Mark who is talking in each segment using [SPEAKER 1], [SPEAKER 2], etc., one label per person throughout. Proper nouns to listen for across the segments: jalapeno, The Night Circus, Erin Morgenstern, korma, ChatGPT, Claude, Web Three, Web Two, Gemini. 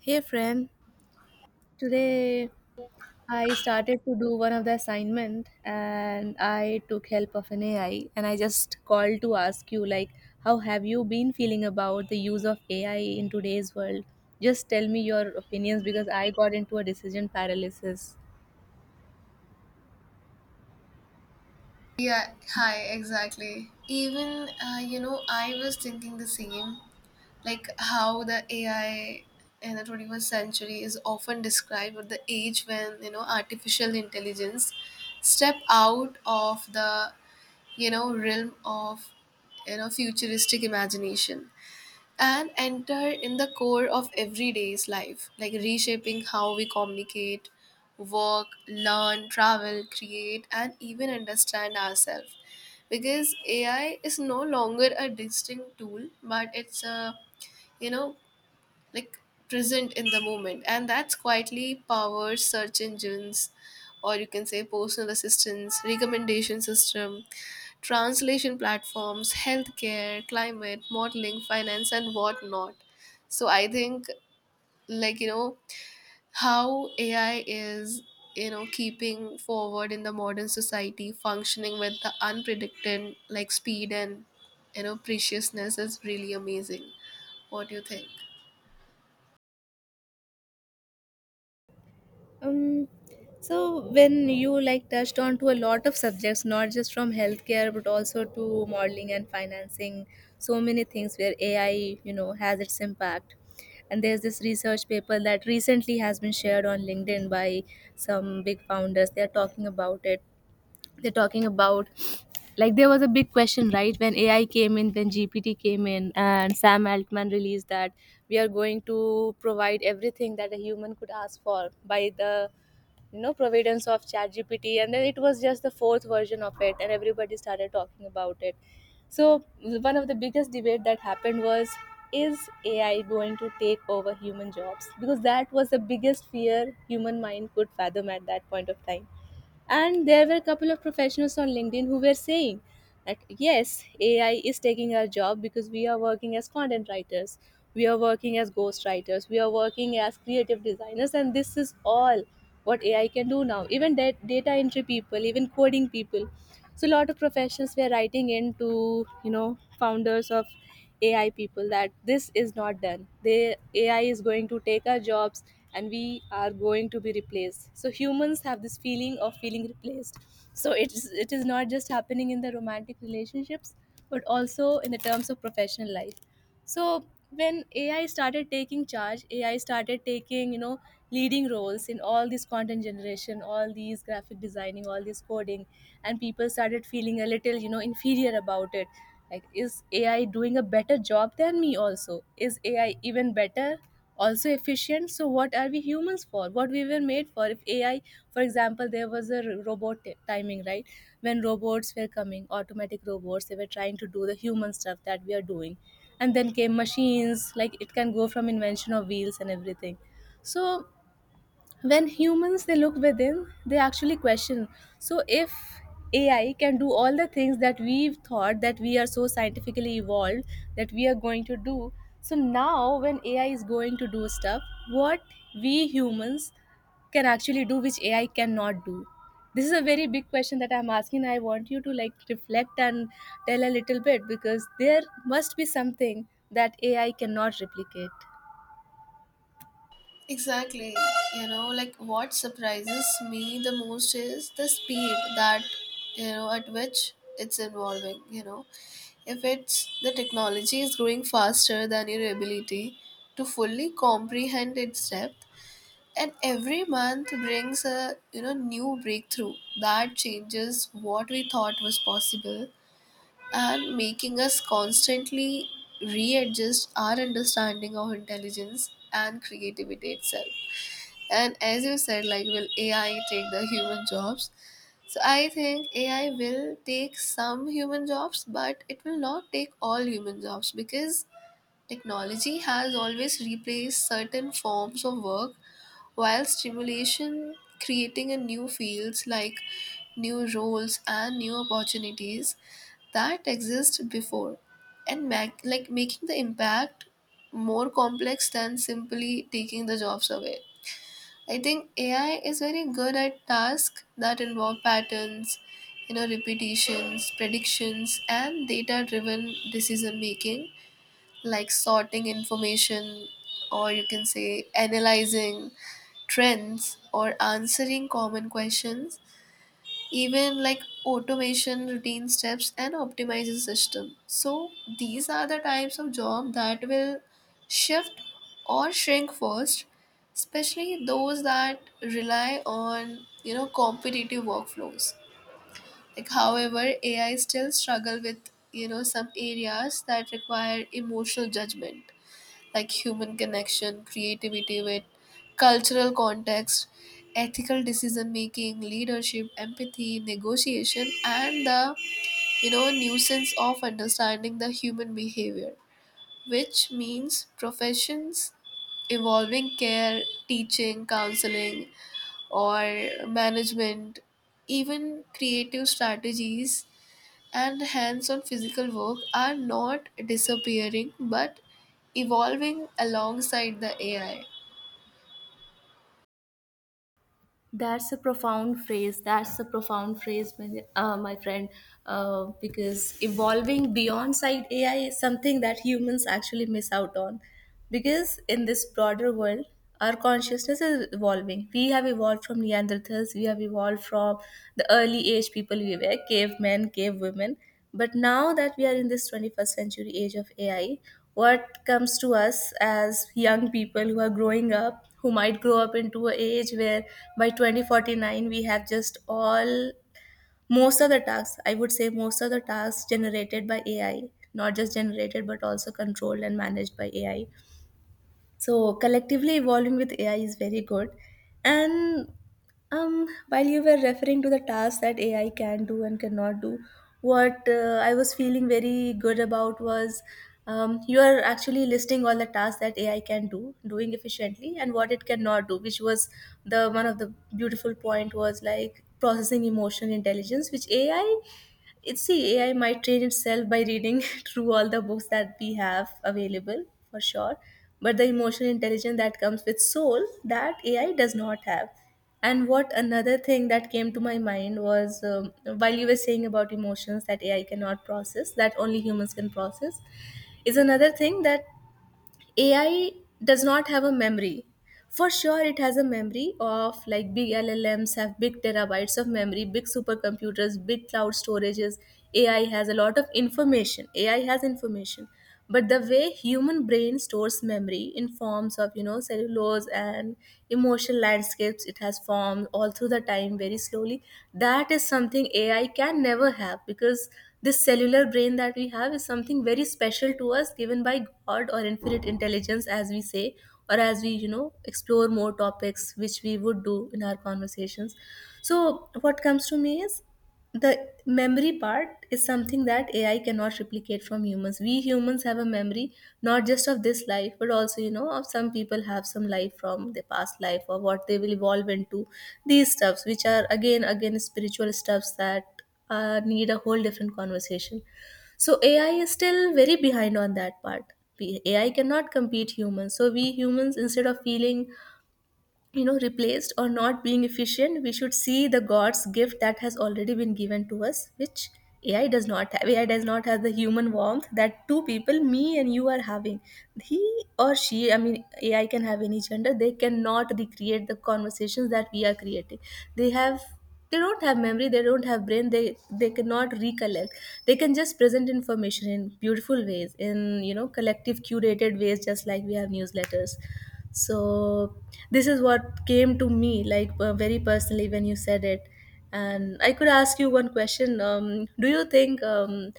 [SPEAKER 1] Hey friend, today I started to do one of the assignment and I took help of an AI and I just called to ask you like how have you been feeling about the use of AI in today's world? Just tell me your opinions because I got into a decision paralysis.
[SPEAKER 2] Yeah, hi, exactly. Even, I was thinking the same, like how the AI in the 21st century is often described with the age when, artificial intelligence step out of the, realm of, futuristic imagination and enter in the core of everyday's life, like reshaping how we communicate, work, learn, travel, create, and even understand ourselves. Because AI is no longer a distinct tool, but it's a you know like present in the moment, and that's quietly powers search engines, or you can say personal assistance, recommendation system, translation platforms, healthcare, climate, modeling, finance, and whatnot. So I think, like, you know, how AI is, keeping forward in the modern society, functioning with the unpredicted, like, speed and, preciousness is really amazing. What do you think?
[SPEAKER 1] Um, so when you like touched on to a lot of subjects, not just from healthcare, but also to modeling and financing, so many things where AI has its impact. And there's this research paper that recently has been shared on LinkedIn by some big founders. They're talking about it. They're talking about, like there was a big question, right? When AI came in, when GPT came in, and Sam Altman released that we are going to provide everything that a human could ask for by the providence of ChatGPT, and then it was just the fourth version of it, and everybody started talking about it. So one of the biggest debate that happened was, is AI going to take over human jobs? Because that was the biggest fear human mind could fathom at that point of time, and there were a couple of professionals on LinkedIn who were saying that yes, ai is taking our job because we are working as content writers, we are working as ghost writers, we are working as creative designers, and this is all what ai can do now, even that data entry people, even coding people. So a lot of professionals were writing in to founders of ai people that this is not done, the ai is going to take our jobs and we are going to be replaced. So humans have this feeling of feeling replaced. So it is not just happening in the romantic relationships, but also in the terms of professional life. So when ai started taking charge, ai started taking leading roles in all this content generation, all these graphic designing, all this coding, and people started feeling a little inferior about it. Like, is ai doing a better job than me? Also, is ai even better, also efficient? So what are we humans for? What we were made for if ai, for example, there was a robot timing, right? When robots were coming, automatic robots, they were trying to do the human stuff that we are doing. And then came machines, like it can go from invention of wheels and everything. So when humans, they look within, they actually question. So if ai can do all the things that we've thought that we are so scientifically evolved that we are going to do, so now when ai is going to do stuff, what we humans can actually do which ai cannot do. This is a very big question that I'm asking. I want you to like reflect and tell a little bit because there must be something that ai cannot replicate.
[SPEAKER 2] Exactly. You know, like what surprises me the most is the speed that, at which it's evolving, If it's the technology is growing faster than your ability to fully comprehend its depth, and every month brings a, new breakthrough that changes what we thought was possible and making us constantly readjust our understanding of intelligence and creativity itself. And as you said, like, will AI take the human jobs? So I think AI will take some human jobs, but it will not take all human jobs because technology has always replaced certain forms of work, while stimulation creating a new fields like new roles and new opportunities that exist before and like making the impact more complex than simply taking the jobs away. I think AI is very good at tasks that involve patterns, repetitions, predictions, and data driven decision making, like sorting information, or you can say analyzing trends, or answering common questions, even like automation routine steps and optimizing system. So these are the types of job that will shift or shrink first, especially those that rely on competitive workflows. Like however, AI still struggle with some areas that require emotional judgment, like human connection, creativity with cultural context, ethical decision making, leadership, empathy, negotiation, and the nuisance of understanding the human behavior, which means professions involving care, teaching, counseling, or management, even creative strategies and hands on physical work are not disappearing but evolving alongside the AI.
[SPEAKER 1] That's a profound phrase. That's a profound phrase, my friend. Because evolving beyond side AI is something that humans actually miss out on. Because in this broader world, our consciousness is evolving. We have evolved from Neanderthals. We have evolved from the early age people we were, cavemen, cave women. But now that we are in this 21st century age of AI, what comes to us as young people who are growing up, who might grow up into an age where by 2049 we have just all, most of the tasks, I would say, most of the tasks generated by AI, not just generated but also controlled and managed by AI. So collectively evolving with AI is very good. And while you were referring to the tasks that AI can do and cannot do, what I was feeling very good about was you are actually listing all the tasks that AI can do, doing efficiently, and what it cannot do, which was the one of the beautiful point was like processing emotional intelligence, which AI, it's, see, ai might train itself by reading through all the books that we have available, for sure. But the emotional intelligence that comes with soul that ai does not have. And what another thing that came to my mind was, while you were saying about emotions that ai cannot process, that only humans can process, is another thing, that AI does not have a memory. For sure, it has a memory of, like, big LLMs have big terabytes of memory, big supercomputers, big cloud storages. AI has a lot of information. AI has information. But the way human brain stores memory in forms of cellulose and emotional landscapes, it has formed all through the time very slowly. That is something AI can never have because this cellular brain that we have is something very special to us, given by God or infinite intelligence, as we say, or as we explore more topics, which we would do in our conversations. So, what comes to me is the memory part is something that ai cannot replicate from humans. We humans have a memory not just of this life but also of some people have some life from their past life or what they will evolve into. These stuffs which are again spiritual stuffs that need a whole different conversation. So ai is still very behind on that part. Ai cannot compete humans. So we humans, instead of feeling replaced or not being efficient, we should see the god's gift that has already been given to us, which ai does not have. Ai does not have the human warmth that two people, me and you, are having. He or she, I mean, ai can have any gender. They cannot recreate the conversations that we are creating. They have they don't have memory, they don't have brain, they cannot recollect. They can just present information in beautiful ways, in collective curated ways, just like we have newsletters. So this is what came to me, like, very personally when you said it. And I could ask you one question. Do you think,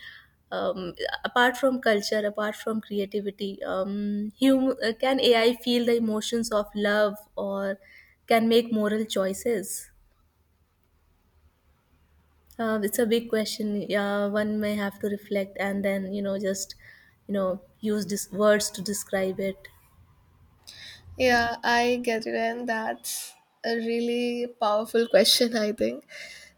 [SPEAKER 1] um, apart from culture, apart from creativity, can ai feel the emotions of love or can make moral choices? It's a big question. Yeah, one may have to reflect and then just use words to describe it.
[SPEAKER 2] Yeah, I get it, and that's a really powerful question, I think.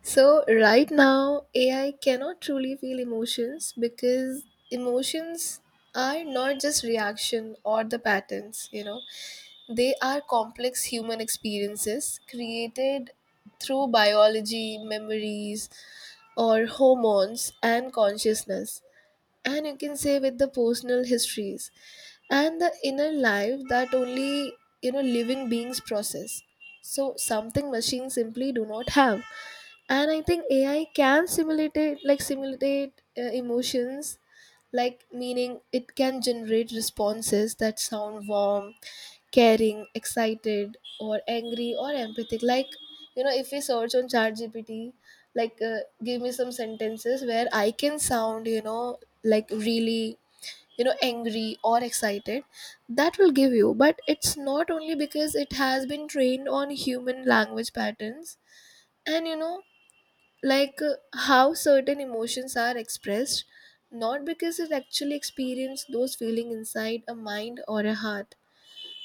[SPEAKER 2] So, right now, AI cannot truly feel emotions because emotions are not just reaction or the patterns, you know. They are complex human experiences created through biology, memories, or hormones and consciousness. And you can say with the personal histories and the inner life that only living beings process. So something machines simply do not have. And I think AI can simulate it, like simulate emotions, like meaning it can generate responses that sound warm, caring, excited, or angry, or empathic. Like, you know, if we search on ChatGPT, like, give me some sentences where I can sound, like really, angry or excited, that will give you. But it's not only because it has been trained on human language patterns and, how certain emotions are expressed, not because it actually experienced those feelings inside a mind or a heart.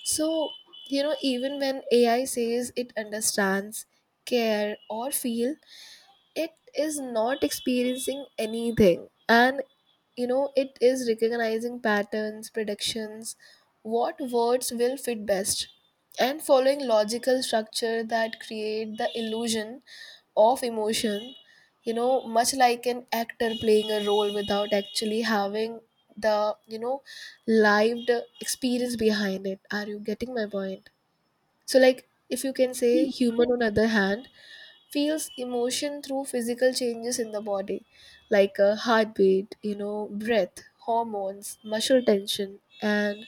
[SPEAKER 2] So, even when AI says it understands, care, or feel, it is not experiencing anything. And, it is recognizing patterns, predictions, what words will fit best, and following logical structure that create the illusion of emotion, much like an actor playing a role without actually having the, lived experience behind it. Are you getting my point? So, like, if you can say, human on other hand feels emotion through physical changes in the body, like a heartbeat, breath, hormones, muscle tension, and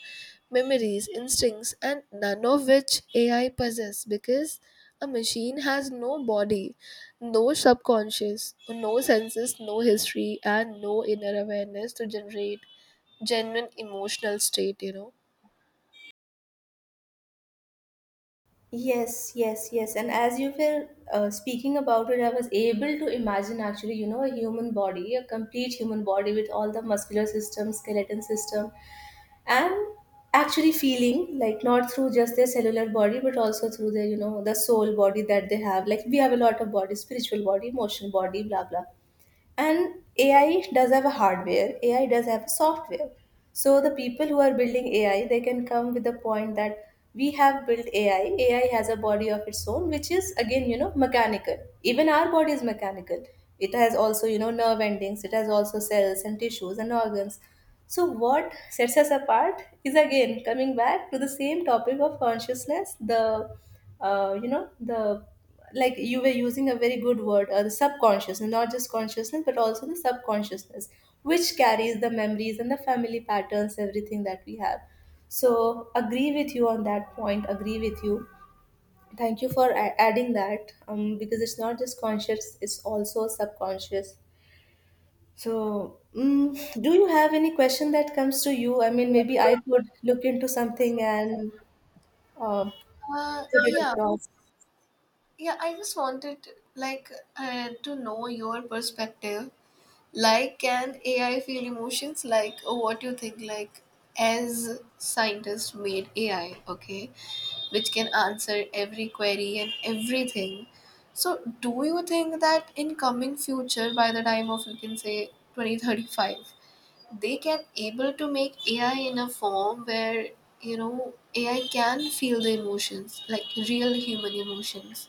[SPEAKER 2] memories, instincts, and none of which AI possess because a machine has no body, no subconscious, no senses, no history, and no inner awareness to generate genuine emotional state. You know.
[SPEAKER 1] Yes, yes, yes. And as you were speaking about it, I was able to imagine actually a human body, a complete human body with all the muscular system, skeleton system, and actually feeling like not through just their cellular body, but also through their the soul body that they have. Like we have a lot of body, spiritual body, emotional body, blah, blah. And AI does have a hardware, AI does have a software. So the people who are building AI, they can come with the point that we have built AI. AI has a body of its own, which is again mechanical. Even our body is mechanical. It has also nerve endings, it has also cells and tissues and organs. So, what sets us apart is again coming back to the same topic of consciousness. The like you were using a very good word, the subconscious, and not just consciousness, but also the subconsciousness, which carries the memories and the family patterns, everything that we have. So, agree with you on that point. Agree with you. Thank you for adding that, because it's not just conscious, it's also subconscious. So, do you have any question that comes to you? I mean, maybe I could look into something and uh, put it
[SPEAKER 2] Yeah.
[SPEAKER 1] across.
[SPEAKER 2] Yeah, I just wanted like to know your perspective. Like, can AI feel emotions? Like, oh, what you think? Like, as scientists made AI, okay, which can answer every query and everything. So, do you think that in coming future, by the time of you can say 2035, they can able to make AI in a form where you know AI can feel the emotions, like real human emotions?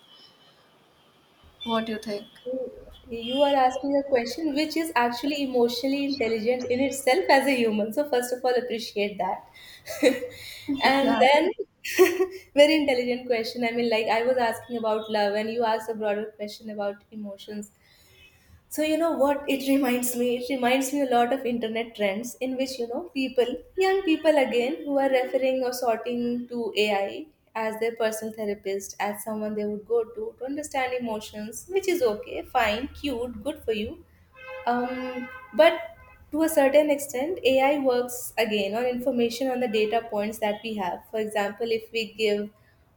[SPEAKER 2] What do you think?
[SPEAKER 1] You are asking a question which is actually emotionally intelligent in itself as a human. So, first of all, appreciate that. And
[SPEAKER 2] Yeah,
[SPEAKER 1] then, very intelligent question. I mean, like I was asking about love, and you asked a broader question about emotions. So you know what it reminds me? It reminds me a lot of internet trends in which people, young people again, who are referring or sorting to AI as their personal therapist, as someone they would go to understand emotions, which is okay, fine, cute, good for you. um, but to a certain extent, AI works again on information, on the data points that we have. For example, if we give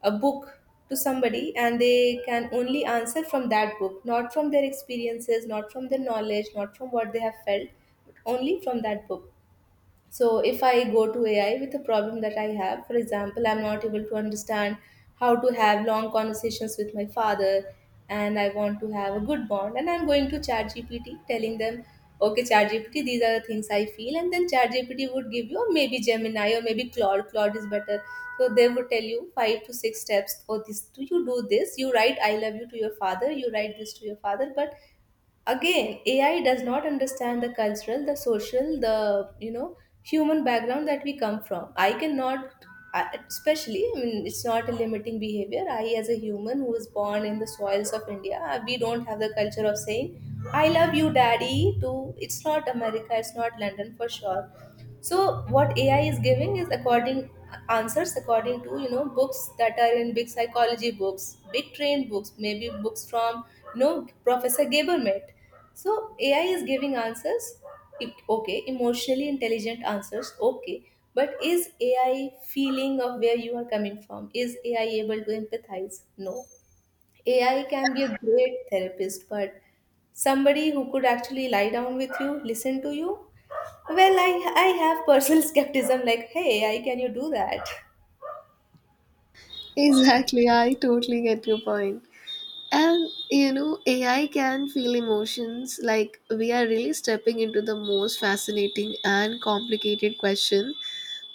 [SPEAKER 1] a book to somebody and they can only answer from that book, not from their experiences, not from their knowledge, not from what they have felt, but only from that book. So if I go to AI with a problem that I have, for example, I'm not able to understand how to have long conversations with my father and I want to have a good bond, and I'm going to ChatGPT telling them, okay, ChatGPT, these are the things I feel, and then ChatGPT would give you, or maybe Gemini, or maybe Claude. Claude is better. So they would tell you five to six steps. Oh, this do you do this? You write "I love you" to your father, you write this to your father. But again, AI does not understand the cultural, the social, the human background that we come from. I cannot I- Especially, I mean, it's not a limiting behavior. I, as a human who was born in the soils of India, we don't have the culture of saying "I love you, daddy" to — it's not America, it's not London for sure. So what AI is giving is according answers according to, books that are in big psychology books, big trained books, maybe books from, Professor Gabermet. So AI is giving answers, okay, emotionally intelligent answers, okay. But is AI feeling of where you are coming from? Is AI able to empathize? No. AI can be a great therapist, but somebody who could actually lie down with you, listen to you — well, I have personal skepticism, like, hey, AI, can you do that?
[SPEAKER 2] exactly. I totally get your point. And you know, AI can feel emotions. Like we are really stepping into the most fascinating and complicated question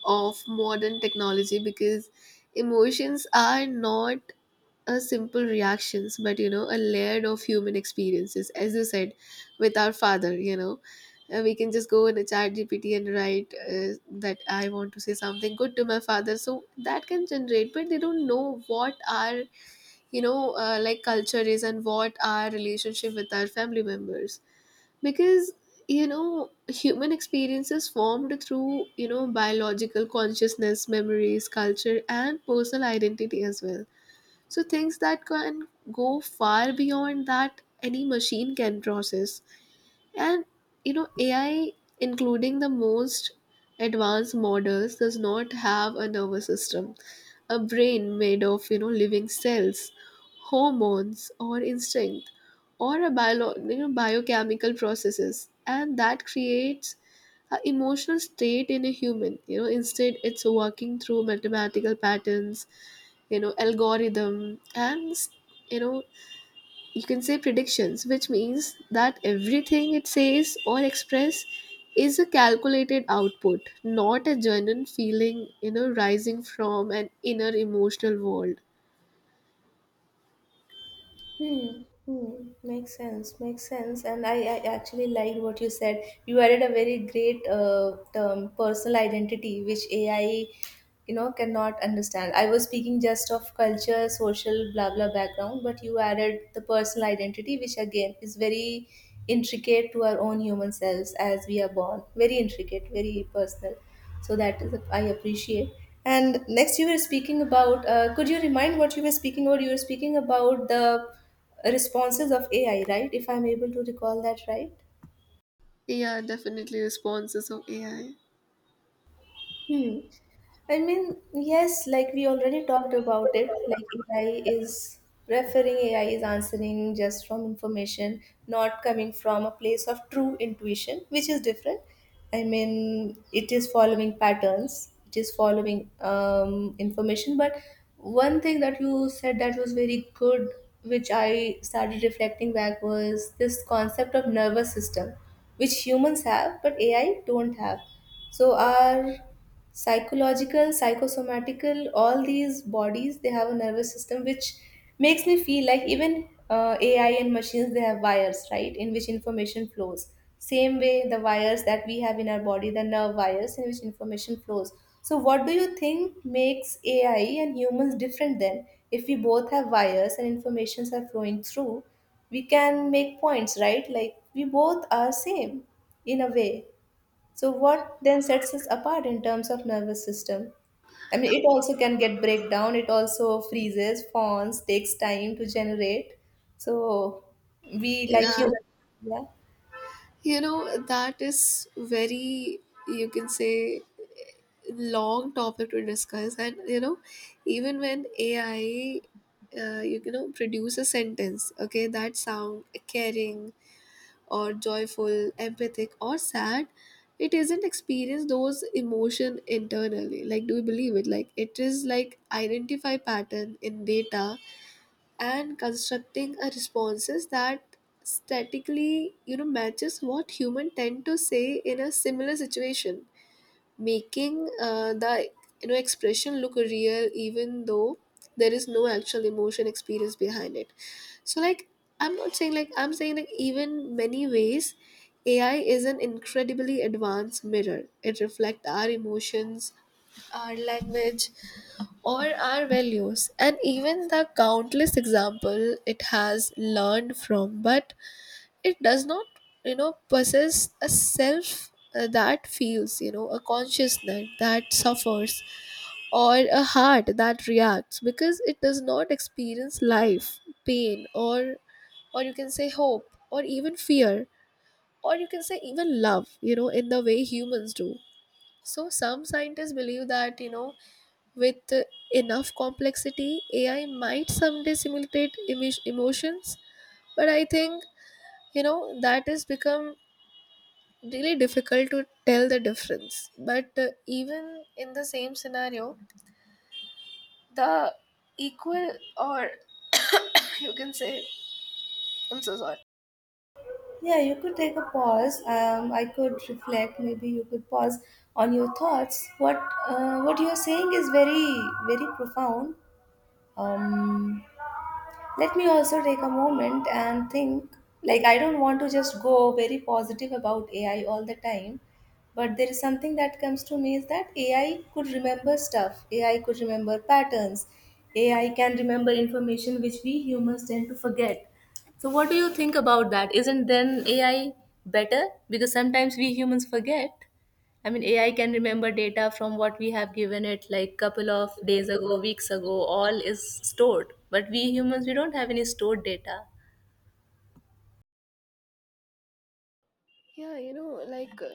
[SPEAKER 2] of modern technology because emotions are not a simple reactions but a layered of human experiences, as you said, with our father, you know. We can just go in a chat gpt and write that I want to say something good to my father, so that can generate, but they don't know what our like culture is and what our relationship with our family members, because you know human experiences formed through biological consciousness, memories, culture, and personal identity as well, so things that can go far beyond that any machine can process. And you know, AI, including the most advanced models, does not have a nervous system, a brain made of living cells, hormones, or instinct, or a bio, biochemical processes, and that creates an emotional state in a human. You know, instead, it's working through mathematical patterns, algorithm and you know you can say predictions, which means that everything it says or express is a calculated output, not a genuine feeling, rising from an inner emotional world.
[SPEAKER 1] Hmm. Hmm. Makes sense. Makes sense. And I actually liked what you said. You added a very great term, personal identity, which AI cannot understand. I was speaking just of culture, social, blah blah background, but you added the personal identity, which again is very intricate to our own human selves. As we are born, very intricate, very personal. So that is, I appreciate. And next, you were speaking about, could you remind what You were speaking about the responses of AI, right? If I'm able to recall that, right?
[SPEAKER 2] Yeah, definitely responses of AI.
[SPEAKER 1] Hmm. I mean, yes, like we already talked about it, like AI is referring AI is answering just from information, not coming from a place of true intuition, which is different. I mean, it is following patterns, it is following, information. But one thing that you said that was very good, which I started reflecting back, was this concept of nervous system, which humans have, but AI don't have. So our psychological, psychosomatical, all these bodies, they have a nervous system, which makes me feel like even, AI and machines, they have wires, right, in which information flows. Same way, the wires that we have in our body, the nerve wires in which information flows. So what do you think makes AI and humans different, then, if we both have wires and informations are flowing through? We can make points, right, like we both are same in a way. So what then sets us apart in terms of nervous system? I mean, it also can get breakdown. It also freezes, fawns, takes time to generate. So we, like
[SPEAKER 2] Yeah.
[SPEAKER 1] you, yeah,
[SPEAKER 2] You know, that is very, you can say, long topic to discuss. And, you know, even when AI, you can know, produce a sentence, okay, that sound caring or joyful, empathic or sad, it isn't experience those emotion internally. Like, do you believe it? Like, it is like identify pattern in data and constructing a responses that statically matches what human tend to say in a similar situation, making the expression look real, even though there is no actual emotion experience behind it. So like i'm not saying like I'm saying, like, even many ways AI is an incredibly advanced mirror. It reflects our emotions, our language, or our values, and even the countless example it has learned from, but it does not possess a self that feels, you know, a consciousness that suffers or a heart that reacts, because it does not experience life, pain, or, you can say hope, or even fear, or you can say even love, you know, in the way humans do. So some scientists believe that, you know, with enough complexity, AI might someday simulate emotions, but I think, you know, that has become really difficult to tell the difference. But even in the same scenario, the equal or you can say, I'm so sorry.
[SPEAKER 1] yeah. You could take a pause. I could reflect. Maybe you could pause on your thoughts. What you are saying is very, very profound. Um, Let me also take a moment and think. Like, I don't want to just go very positive about AI all the time, but there is something that comes to me, is that AI could remember stuff, AI could remember patterns, AI can remember information, which we humans tend to forget. So what do you think about that? Isn't then AI better, because sometimes we humans forget? I mean, AI can remember data from what we have given it like couple of days ago, weeks ago, all is stored. But we humans, we don't have any stored data.
[SPEAKER 2] Yeah, you know, like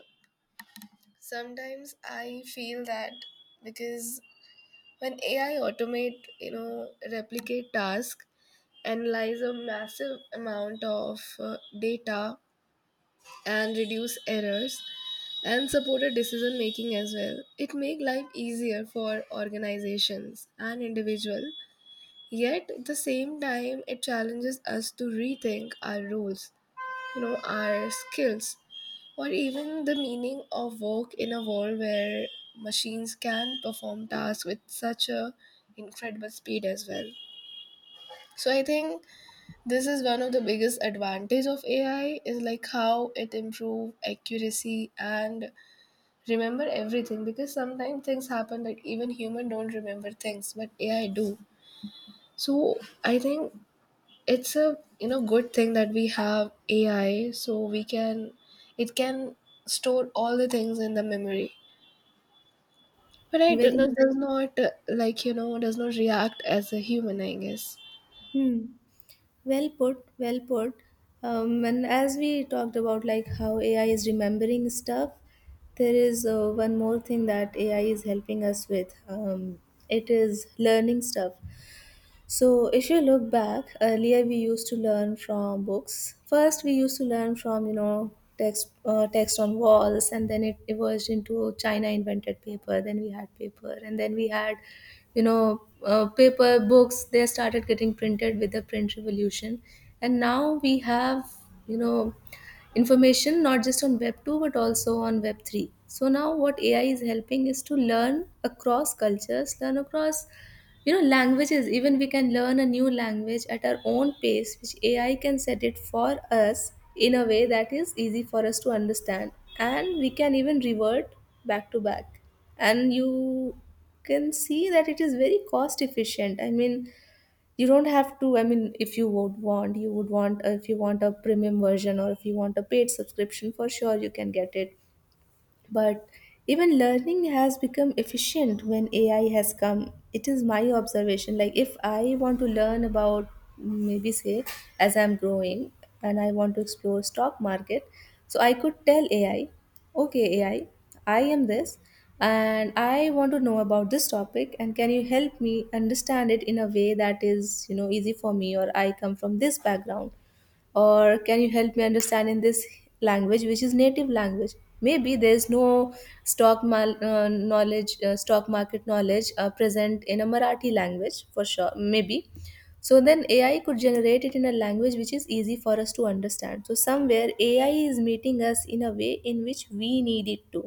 [SPEAKER 2] sometimes I feel that because when AI automate, you know, replicate task, analyze a massive amount of data and reduce errors and support a decision making as well. It make life easier for organizations and individual. Yet at the same time, it challenges us to rethink our roles, our skills, or even the meaning of work in a world where machines can perform tasks with such a incredible speed as well. So I think this is one of the biggest advantage of AI is like how it improve accuracy and remember everything, because sometimes things happen that even human don't remember things, but AI do. So I think it's a good thing that we have AI, so we can, it can store all the things in the memory. Right, it
[SPEAKER 1] Very,
[SPEAKER 2] does not like, you know, does not react as a human, I guess.
[SPEAKER 1] hmm, well put, well put. And as we talked about, like how AI is remembering stuff, there is, one more thing that AI is helping us with. It is learning stuff. So, if you look back, earlier we used to learn from books. First, we used to learn from, text on walls, and then it emerged into — China invented paper. Then we had paper, and then we had, paper books. They started getting printed with the print revolution, and now we have, you know, information not just on Web 2 but also on Web 3. So now, what AI is helping is to learn across cultures, learn across languages. Even we can learn a new language at our own pace, which AI can set it for us in a way that is easy for us to understand, and we can even revert back to back. And you can see that it is very cost efficient. I mean, you don't have to — I mean, if you would want, if you want a premium version or if you want a paid subscription, for sure you can get it. But even learning has become efficient when AI has come. It is my observation. Like, if I want to learn about, maybe say, as I'm growing and I want to explore stock market, so I could tell AI, okay, AI, I am this and I want to know about this topic, and can you help me understand it in a way that is, easy for me, or I come from this background, or can you help me understand in this language, which is native language? Maybe there is no knowledge, stock market knowledge, present in a Marathi language, for sure, maybe. So then AI could generate it in a language which is easy for us to understand. So somewhere AI is meeting us in a way in which we need it to.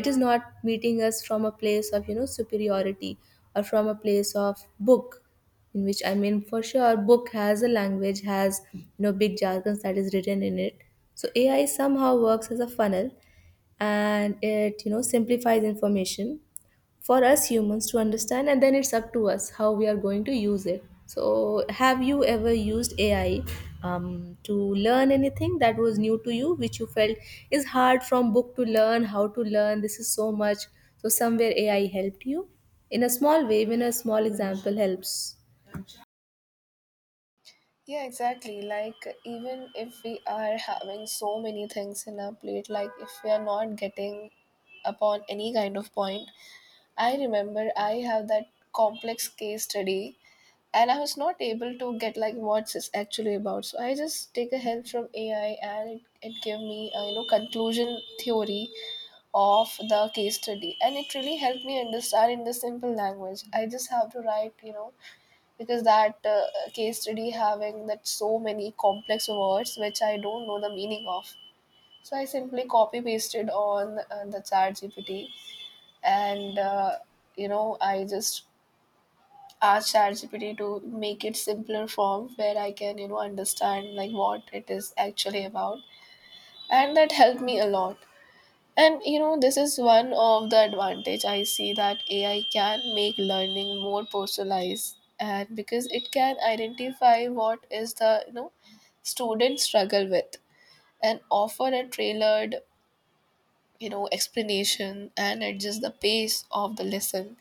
[SPEAKER 1] It is not meeting us from a place of, superiority, or from a place of book, in which, I mean, for sure book has a language, has, big jargons that is written in it. So AI somehow works as a funnel, and it, simplifies information for us humans to understand, and then it's up to us how we are going to use it. So have you ever used AI, to learn anything that was new to you, which you felt is hard from book to learn? How to learn this is so much, so somewhere AI helped you in a small way? Even a small example helps.
[SPEAKER 2] Yeah, exactly. Like, even if we are having so many things in our plate, like, if we are not getting upon any kind of point, I remember I have that complex case study and I was not able to get like what's it's actually about. So I just take a help from AI and it gave me a conclusion theory of the case study, and it really helped me understand in the simple language. I just have to write, you know, because that case study having that so many complex words which I don't know the meaning of. So I simply copy pasted on the chat GPT and I just asked ChatGPT to make it simpler form where I can, you know, understand like what it is actually about, and that helped me a lot. And you know, this is one of the advantage I see, that AI can make learning more personalized, and because it can identify what is the students struggle with, and offer a tailored explanation and adjust the pace of the lesson,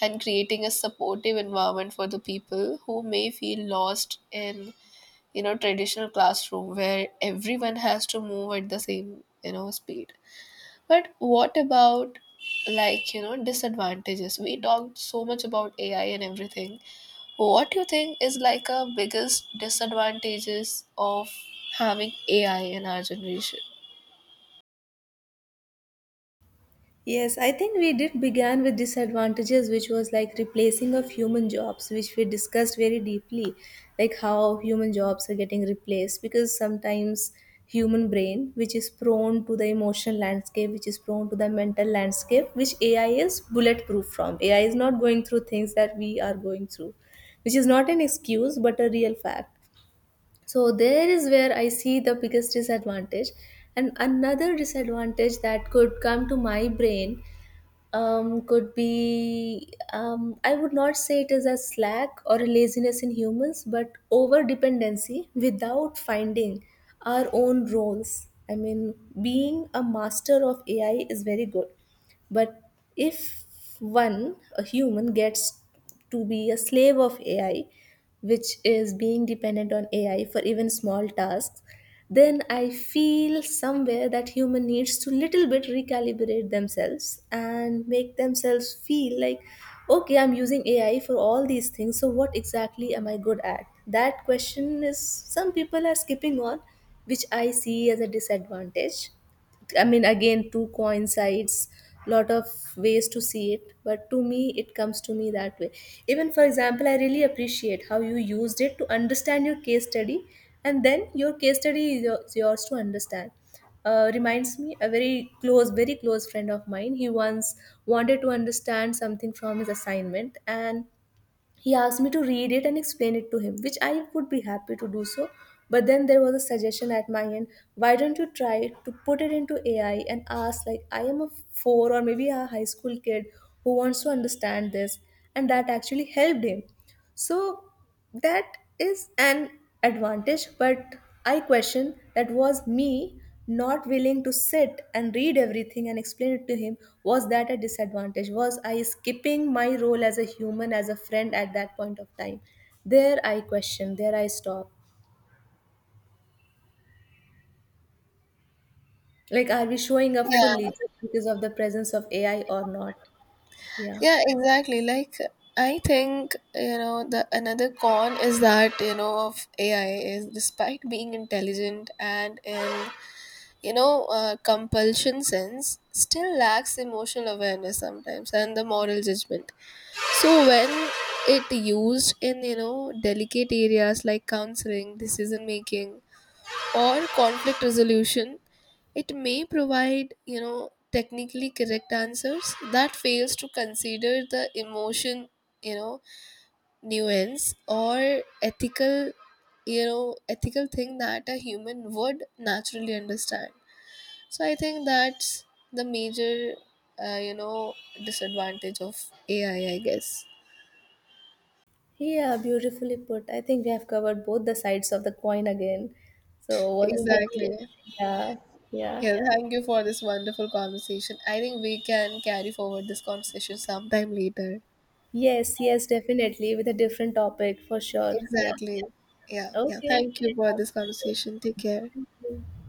[SPEAKER 2] and creating a supportive environment for the people who may feel lost in traditional classroom where everyone has to move at the same, you know, speed. But what about, like, you know, disadvantages? We talked so much about AI and everything. What do you think is like a biggest disadvantages of having AI in our generation?
[SPEAKER 1] Yes, I think we did began with disadvantages, which was like replacing of human jobs, which we discussed very deeply, like how human jobs are getting replaced. Because sometimes human brain, which is prone to the emotional landscape, which is prone to the mental landscape, which AI is bulletproof from. AI is not going through things that we are going through, which is not an excuse but a real fact. So there is where I see the biggest disadvantage. And another disadvantage that could come to my brain, could be, I would not say it is a slack or a laziness in humans, but over dependency without finding our own roles. I mean, being a master of AI is very good, but if one, a human, gets to be a slave of AI, which is being dependent on AI for even small tasks, then I feel somewhere that human needs to little bit recalibrate themselves and make themselves feel like, okay, I'm using AI for all these things, so what exactly am I good at? That question is some people are skipping on, which I see as a disadvantage. I mean, again, two coincides, lot of ways to see it, but to me, it comes to me that way. Even for example, I really appreciate how you used it to understand your case study, and then your case study is is yours to understand. Reminds me a very close friend of mine. He once wanted to understand something from his assignment, and he asked me to read it and explain it to him, which I would be happy to do so. But then there was a suggestion at my end. Why don't you try to put it into AI and ask, like, I am a four, or maybe a high school kid who wants to understand this? And that actually helped him. So that is an advantage, but I question, that was me not willing to sit and read everything and explain it to him. Was that a disadvantage? Was I skipping my role as a human, as a friend, at that point of time? There I question, there I stop. Like, are we showing up
[SPEAKER 2] Yeah.
[SPEAKER 1] fully just because of the presence of AI or not? Yeah.
[SPEAKER 2] Yeah, exactly. I think, you know, the another con is that, you know, of AI is despite being intelligent and in, compulsion sense, still lacks emotional awareness sometimes and the moral judgment. So when it used in, delicate areas like counseling, decision making, or conflict resolution, it may provide, technically correct answers that fails to consider the emotion, you know, nuance or ethical thing that a human would naturally understand. So I think that's the major, uh, you know, disadvantage of AI, I guess.
[SPEAKER 1] Yeah, beautifully put. I think we have covered both the sides of the coin again. So, wasn't it great?
[SPEAKER 2] Exactly.
[SPEAKER 1] Yeah, yeah.
[SPEAKER 2] Yeah, thank you for this wonderful conversation. I think we can carry forward this conversation sometime later.
[SPEAKER 1] Yes, yes, definitely with a different topic for sure. Yeah.
[SPEAKER 2] Exactly. Yeah. Yeah.
[SPEAKER 1] Okay.
[SPEAKER 2] Thank you for
[SPEAKER 1] Have
[SPEAKER 2] this
[SPEAKER 1] a good
[SPEAKER 2] conversation. Take care.
[SPEAKER 1] day.